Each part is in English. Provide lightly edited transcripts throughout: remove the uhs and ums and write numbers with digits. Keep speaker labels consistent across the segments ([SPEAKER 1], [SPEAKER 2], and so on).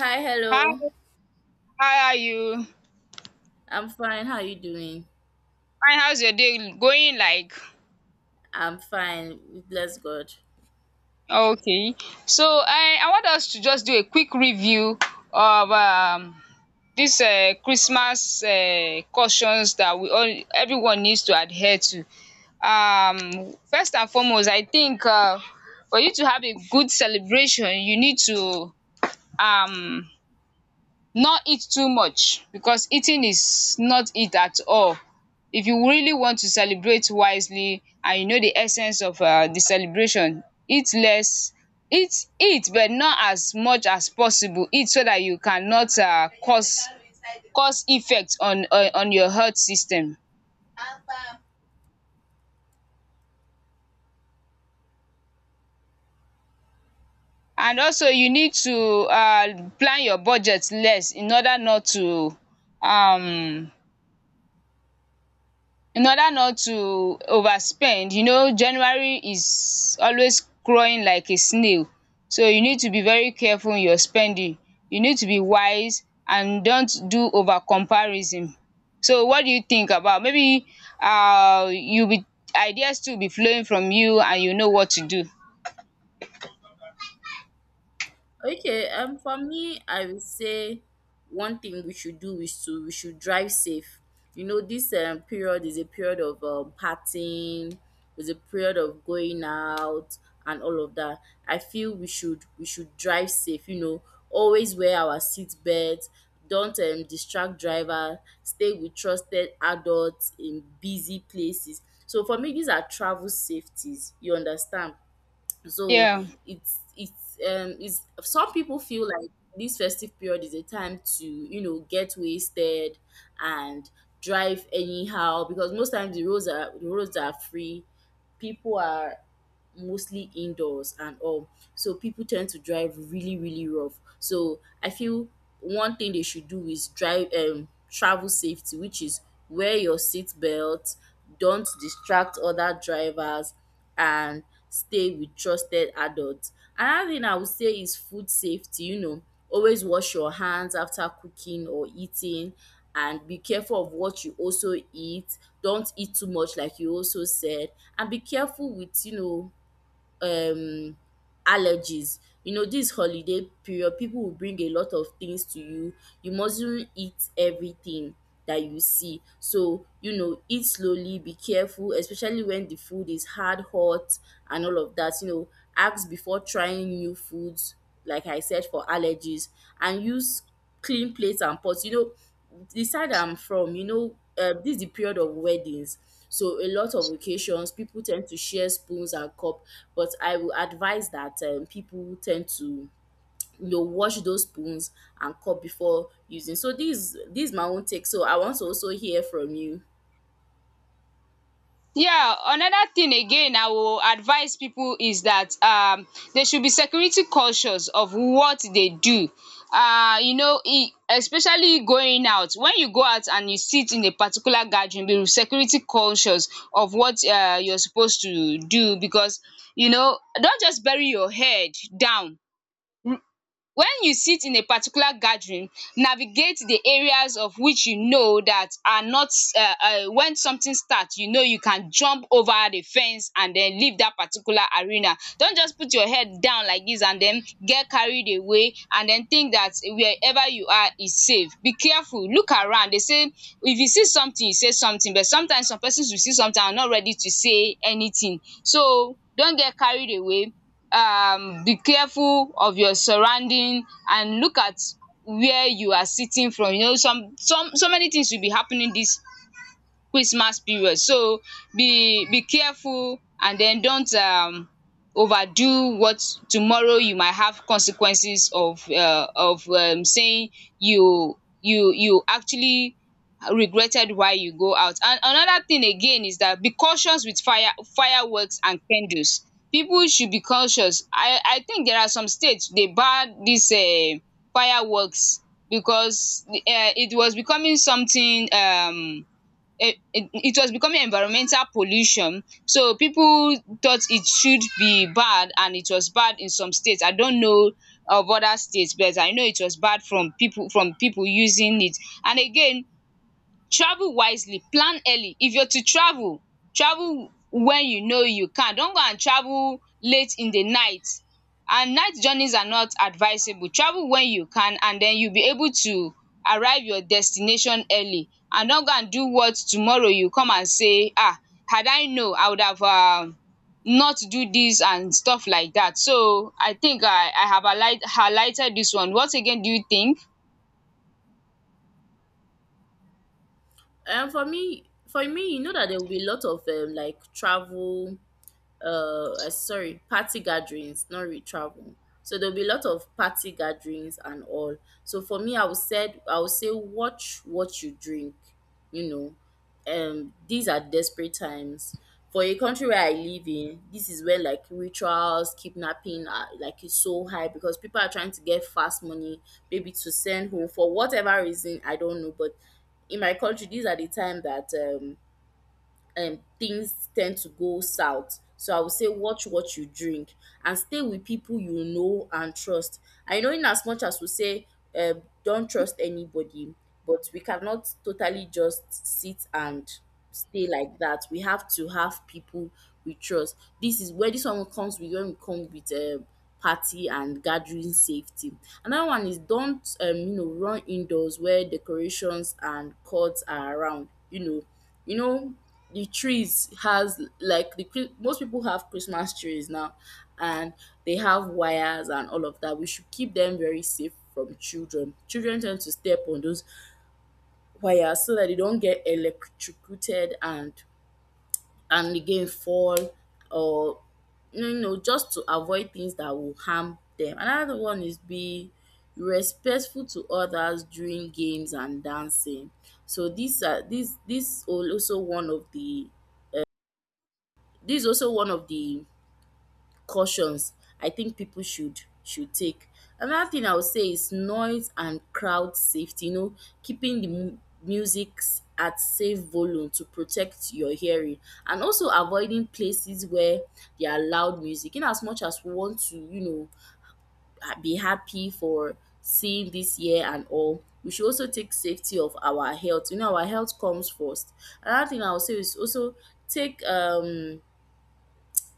[SPEAKER 1] Hi, hello.
[SPEAKER 2] Hi, how are you?
[SPEAKER 1] I'm fine. How are you doing?
[SPEAKER 2] Fine, how's your day going like?
[SPEAKER 1] I'm fine. Bless God.
[SPEAKER 2] Okay. So I want us to just do a quick review of this Christmas cautions that we all everyone needs to adhere to. First and foremost, I think for you to have a good celebration, you need to um not eat too much because eating is not it at all. If you really want to celebrate wisely and you know the essence of the celebration, eat less eat eat but not as much as possible. Eat so dat you cannot cause cause effect on on your health system. And also you need to plan your budget less in order not to um in order not to overspend. You know, January is always crawling like a snail, so you need to be very careful in your spending. You need to be wise and dont do over comparison. So what do you think about maybe you be ideas too will be flowing from you and you know what to do?
[SPEAKER 1] Okay, for me, I would say one thing we should do is to we should drive safe. You know, this period is a period of partying, is a period of going out and all of that. I feel we should drive safe. You know, always wear our seat belts. Don't distract driver. Stay with trusted adults in busy places. So for me, these are travel safeties. You understand? so
[SPEAKER 2] Yeah.
[SPEAKER 1] it's some people feel like this festive period is a time to, you know, get wasted and drive anyhow because most times the roads are free, people are mostly indoors and all. So people tend to drive really, really rough. So I feel one thing they should do is drive travel safety, which is wear your seat belt, don't distract other drivers, and stay with trusted adults. Another thing I would say is food safety. You know, always wash your hands after cooking or eating and be careful of what you also eat. Don't eat too much like you also said, and be careful with, you know, um allergies. You know, this holiday period people will bring a lot of things to you. You mustn't eat everything that you see. So, you know, eat slowly, be careful especially when the food is hard hot and all of that. You know, ask before trying new foods, like I said, for allergies, and use clean plates and pots. You know, the side I'm from, you know, this is the period of weddings. So a lot of occasions, people tend to share spoons and cup. But I will advise that, people tend to, you know, wash those spoons and cup before using. So this is my own take. So I want to also hear from you.
[SPEAKER 2] Yeah, another thing again I will advise people is that they should be security conscious of what they do. You know, e especially going out. When you go out and you sit in a particular gathering, be security conscious of what you're supposed to do because you know, don't just bury your head down when you sit in a particular gathering, navigate the areas of which you know that are not um when something starts, you know you can jump over the fence and then leave that particular arena. Don't just put your head down like this and then get carried away and then think that wherever you are is safe. Be careful, look around. They say if you see something you say something, but sometimes some persons will see something and are not ready to say anything. So, don't get carried away. Be careful of your surrounding and look at where you are sitting from. You know, some so many things will be happening this Christmas period. So be careful and then don't overdo what tomorrow you might have consequences of saying you actually regretted why you go out. And another thing again is that be cautious with fireworks and candles. People should be cautious. I think there are some states they ban dis fireworks because it was becoming something it was becoming environmental pollution, so people thought it should be bad, and it was bad in some states. I don't know of other states, but I know it was bad from people using it. And again, travel wisely, plan early. If you're to travel, travel when you know you can. Don't go and travel late in the night, and night journeys are not advisable. Travel when you can and then you'll be able to arrive your destination early, and don't go and do what tomorrow you come and say, ah, had I know, I would have not do this and stuff like that. So I think I have highlighted this one. What again do you think?
[SPEAKER 1] For me, you know that there will be a lot of, like, travel sorry party gatherings, not re travel. So there'll be a lot of party gatherings and all. So for me, I would say watch what you drink. You know, these are desperate times for a country where I live in. This is where, like, rituals, kidnapping are, like, is so high because people are trying to get fast money, maybe to send home for whatever reason, I don't know. But in my country, these are the time that um things tend to go south. So I would say watch what you drink and stay with people you know and trust. I know, in as much as we say, don't trust anybody, but we cannot totally just sit and stay like that. We have to have people we trust. This is where this one comes with, when we come with party and gathering safety. Another one is don't you know, run indoors where decorations and cords are around. You know, you know, the trees has like the Chri- most people have Christmas trees now, and they have wires and all of that. We should keep them very safe from children. Children tend to step on those wires so that they don't get electrocuted, and again fall, or, you know, just to avoid things that will harm them. Another one is be respectful to others during games and dancing. So these are these this also one of the this is also one of the cautions I think people should take. Another thing I would say is noise and crowd safety. You know, keeping the music at safe volume to protect your hearing, and also avoiding places where there are loud music. In as much as we want to, you know, be happy for seeing this year and all, we should also take safety of our health. You know, our health comes first. Another thing I would say is also take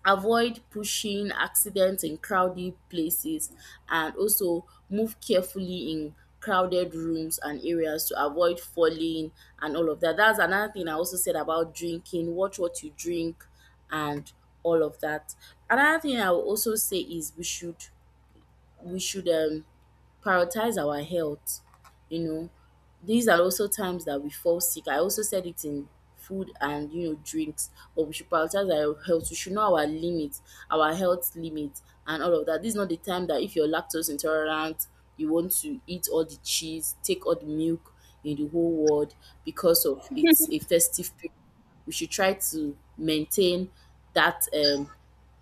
[SPEAKER 1] avoid pushing accidents in crowded places, and also move carefully in crowded rooms and areas to avoid falling and all of that. That's another thing I also said about drinking. Watch what you drink and all of that. Another thing I will also say is we should prioritize our health. You know, these are also times that we fall sick. I also said it in food and, you know, drinks, but we should prioritize our health. We should know our limits, our health limits, and all of that. This is not the time that if you're lactose intolerant, you want to eat all the cheese, take all the milk in the whole world because of it's a festive period. We should try to maintain that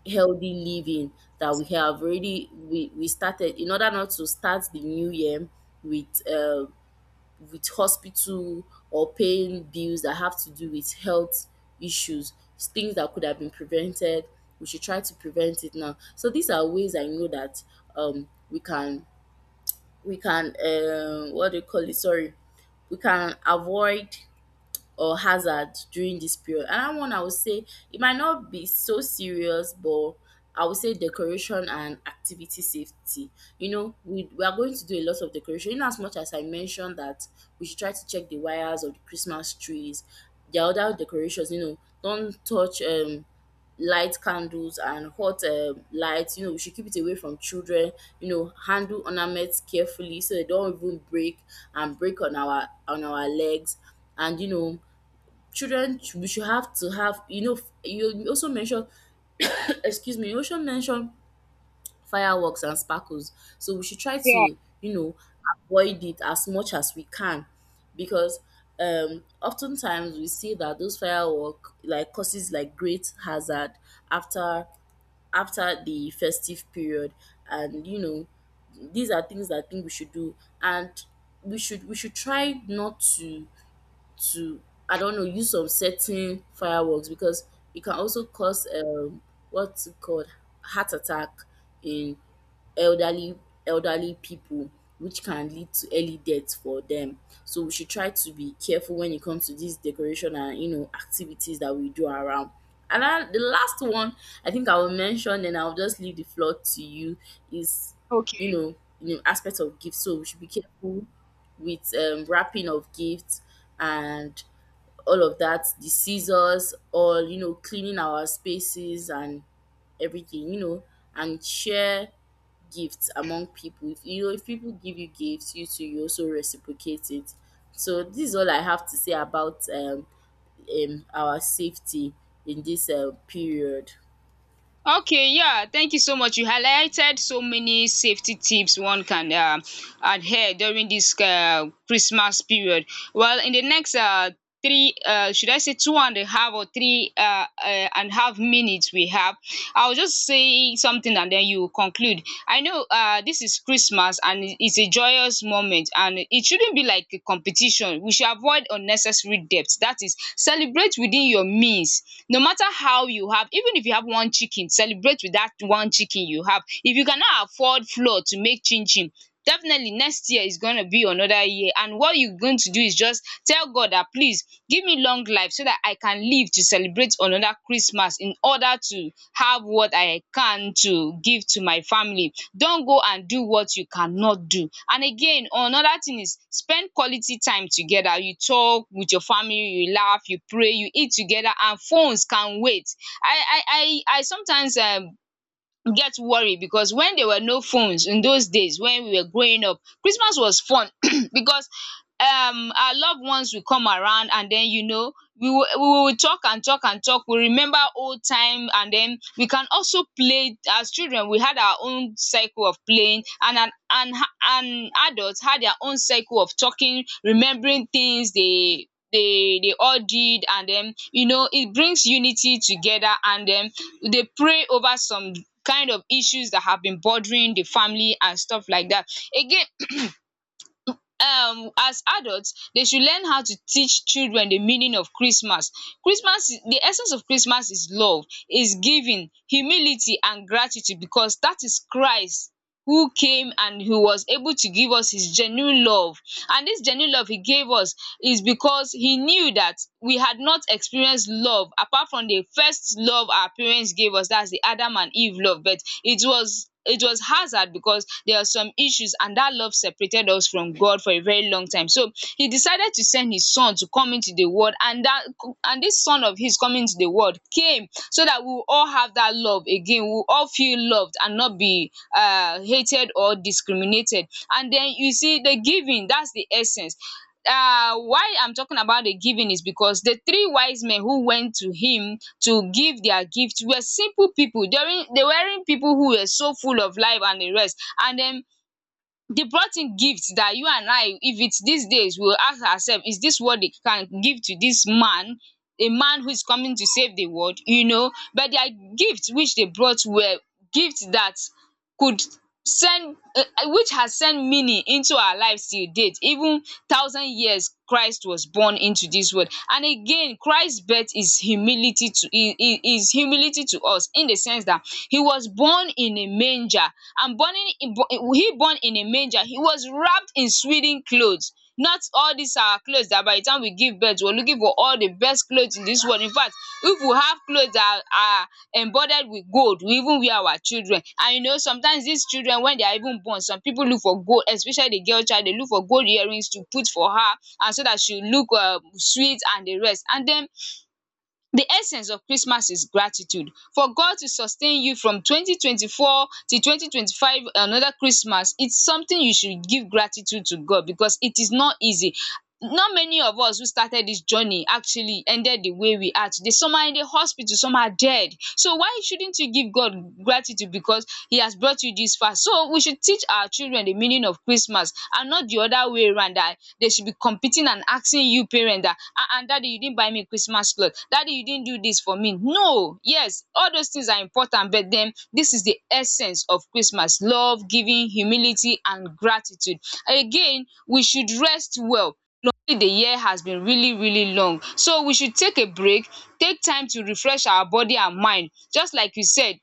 [SPEAKER 1] healthy living that we have already we started, in order not to start the new year with uh, with hospital or paying bills that have to do with health issues, things that could have been prevented. We should try to prevent it now. So these are ways I know that we can, we can what do you call it sorry we can avoid or hazard during this period. And that one I would say, it might not be so serious, but I would say decoration and activity safety. You know, we are going to do a lot of decoration. In as much as I mentioned that we should try to check the wires of the Christmas trees, there are other decorations. You know, don't touch light candles and hot lights. You know, we should keep it away from children. You know, handle ornaments carefully so they don't even break and break on our legs. And you know, we should have to have, you know, you also mentioned excuse me, you also mentioned fireworks and sparkles, so we should try
[SPEAKER 2] Yeah,
[SPEAKER 1] to, you know, avoid it as much as we can, because oftentimes we see that those firework, like, causes like great hazard after the festive period. And, you know, these are things that I think we should do, and we should try not to to I don't know, use of certain fireworks, because it can also cause what's it called, heart attack in elderly elderly people, which can lead to early death for them. So we should try to be careful when it comes to this decoration and, you know, activities that we do around. And then the last one I think I will mention, and I'll just leave the floor to you, is, you
[SPEAKER 2] okay.
[SPEAKER 1] know, you know, aspect of gifts. So we should be careful with, wrapping of gifts and all of that, the scissors, or, you know, cleaning our spaces and everything. You know, and share gifts among people. If you know, if people give you gifts, you too, you also reciprocate it. So this is all I have to say about our safety in this period.
[SPEAKER 2] Okay, yeah, thank you so much. You highlighted so many safety tips one can adhere during this Christmas period. Well, in the next should I say two and a half or three and a half minutes we have, I'll just say something and then you conclude. I know this is Christmas and it's a joyous moment and it shouldn't be like a competition. We should avoid unnecessary debt. That is, celebrate within your means, no matter how you have. Even if you have one chicken, celebrate with that one chicken you have. If you cannot afford flour to make chin chin, definitely next year is gonna be another year, and what you are going to do is just tell God dat please give me long life so that I can live to celebrate another Christmas in order to have what I can to give to my family. Don't go and do what you cannot do. And again, another thing is spend quality time together. You talk with your family, you laugh, you pray, you eat together, and phones can wait. I I I sometimes get worried because when there were no phones in those days when we were growing up, Christmas was fun because our loved ones will come around and then you know we will talk and talk and talk, we remember old time, and then we can also play. As children we had our own cycle of playing, and and adults had their own cycle of talking, remembering things they all did. And then you know it brings unity together, and then they pray over some kind of issues that have been bothering the family and stuff like that. Again, as adults they should learn how to teach children the meaning of Christmas. Christmas is the essence of Christmas is love, is giving, humility and gratitude, because that is Christ who came and he was able to give us his genuine love. And this genuine love he gave us is because he knew that we had not experienced love apart from the first love our parents gave us. That's the Adam and Eve love, but it was hazard because there are some issues, and that love separated us from God for a very long time. So he decided to send his son to come into the world, and that and this son of his coming into the world came so that we will all have that love again. We will all feel loved and not be hated or discriminated. And then you see the giving. That's the essence why I'm talking about the giving is because the three wise men who went to him to give their gift were simple people. They weren't people who were so full of life and the rest. And then they brought in gifts that you and I, if it's these days, we'll ask ourselves, is this what they can give to this man? A man who is coming to save the world, you know? But their gifts which they brought were gifts that could send which has sent meaning into our lives till date, even thousand years Christ was born into this world. And again Christ birth is humility to us in the sense that he was born in a manger, and burning he born in a manger he was wrapped in swaddling clothes. Not all these our clothes that by the time we give birth, we're looking for all the best clothes in this world. In fact, if we have clothes that are embroidered with gold, we even wear our children. And you know, sometimes these children, when they are even born, some people look for gold, especially the girl child, they look for gold earrings to put for her and so that she look sweet and the rest. And then the essence of Christmas is gratitude. For God to sustain you from 2024 to 2025, another Christmas, it's something you should give gratitude to God, because it is not easy. Not many of us who started this journey actually ended the way we are today. Some are in the hospital, some are dead. So why shouldn't you give God gratitude, because he has brought you, taught you this far. So we should teach our children the meaning of Christmas and not the other way round, that they should be competing and asking you parent that, ah, and daddy you didn't buy me Christmas cloth, daddy you didn't do this for me. No, yes, all those things are important, but then this is the essence of Christmas: love, giving, humility and gratitude. Again, we should rest well. The year has been really really long, so we should take a break, take time to refresh our body and mind. Just like you said,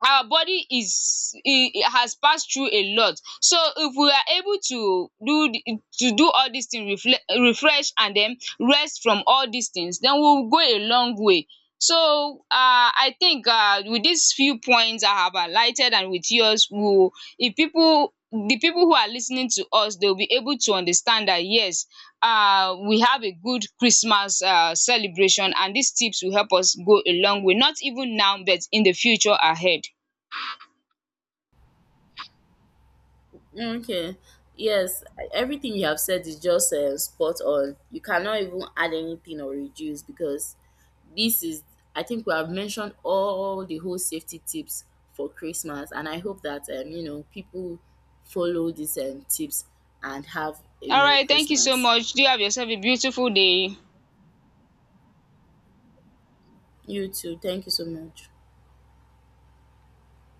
[SPEAKER 2] our body is e e has passed through a lot. So if we are able to do all these things, refle refresh and then rest from all these things, then we will go a long way. So I think with these few points I have highlighted and with yours, we will, if people who are listening to us, they will be able to understand that, yes, we have a good Christmas celebration, and these tips will help us go a long way, not even now but in the future ahead.
[SPEAKER 1] Okay. Yes, everything you have said is just spot on. You cannot even add anything or reduce, because this is, I think we have mentioned all the whole safety tips for Christmas, and I hope that, you know, people follow these tips and have a
[SPEAKER 2] All
[SPEAKER 1] Merry
[SPEAKER 2] right. Thank you so
[SPEAKER 1] Christmas.
[SPEAKER 2] much. Do have yourself a beautiful day.
[SPEAKER 1] You too. Thank you so much.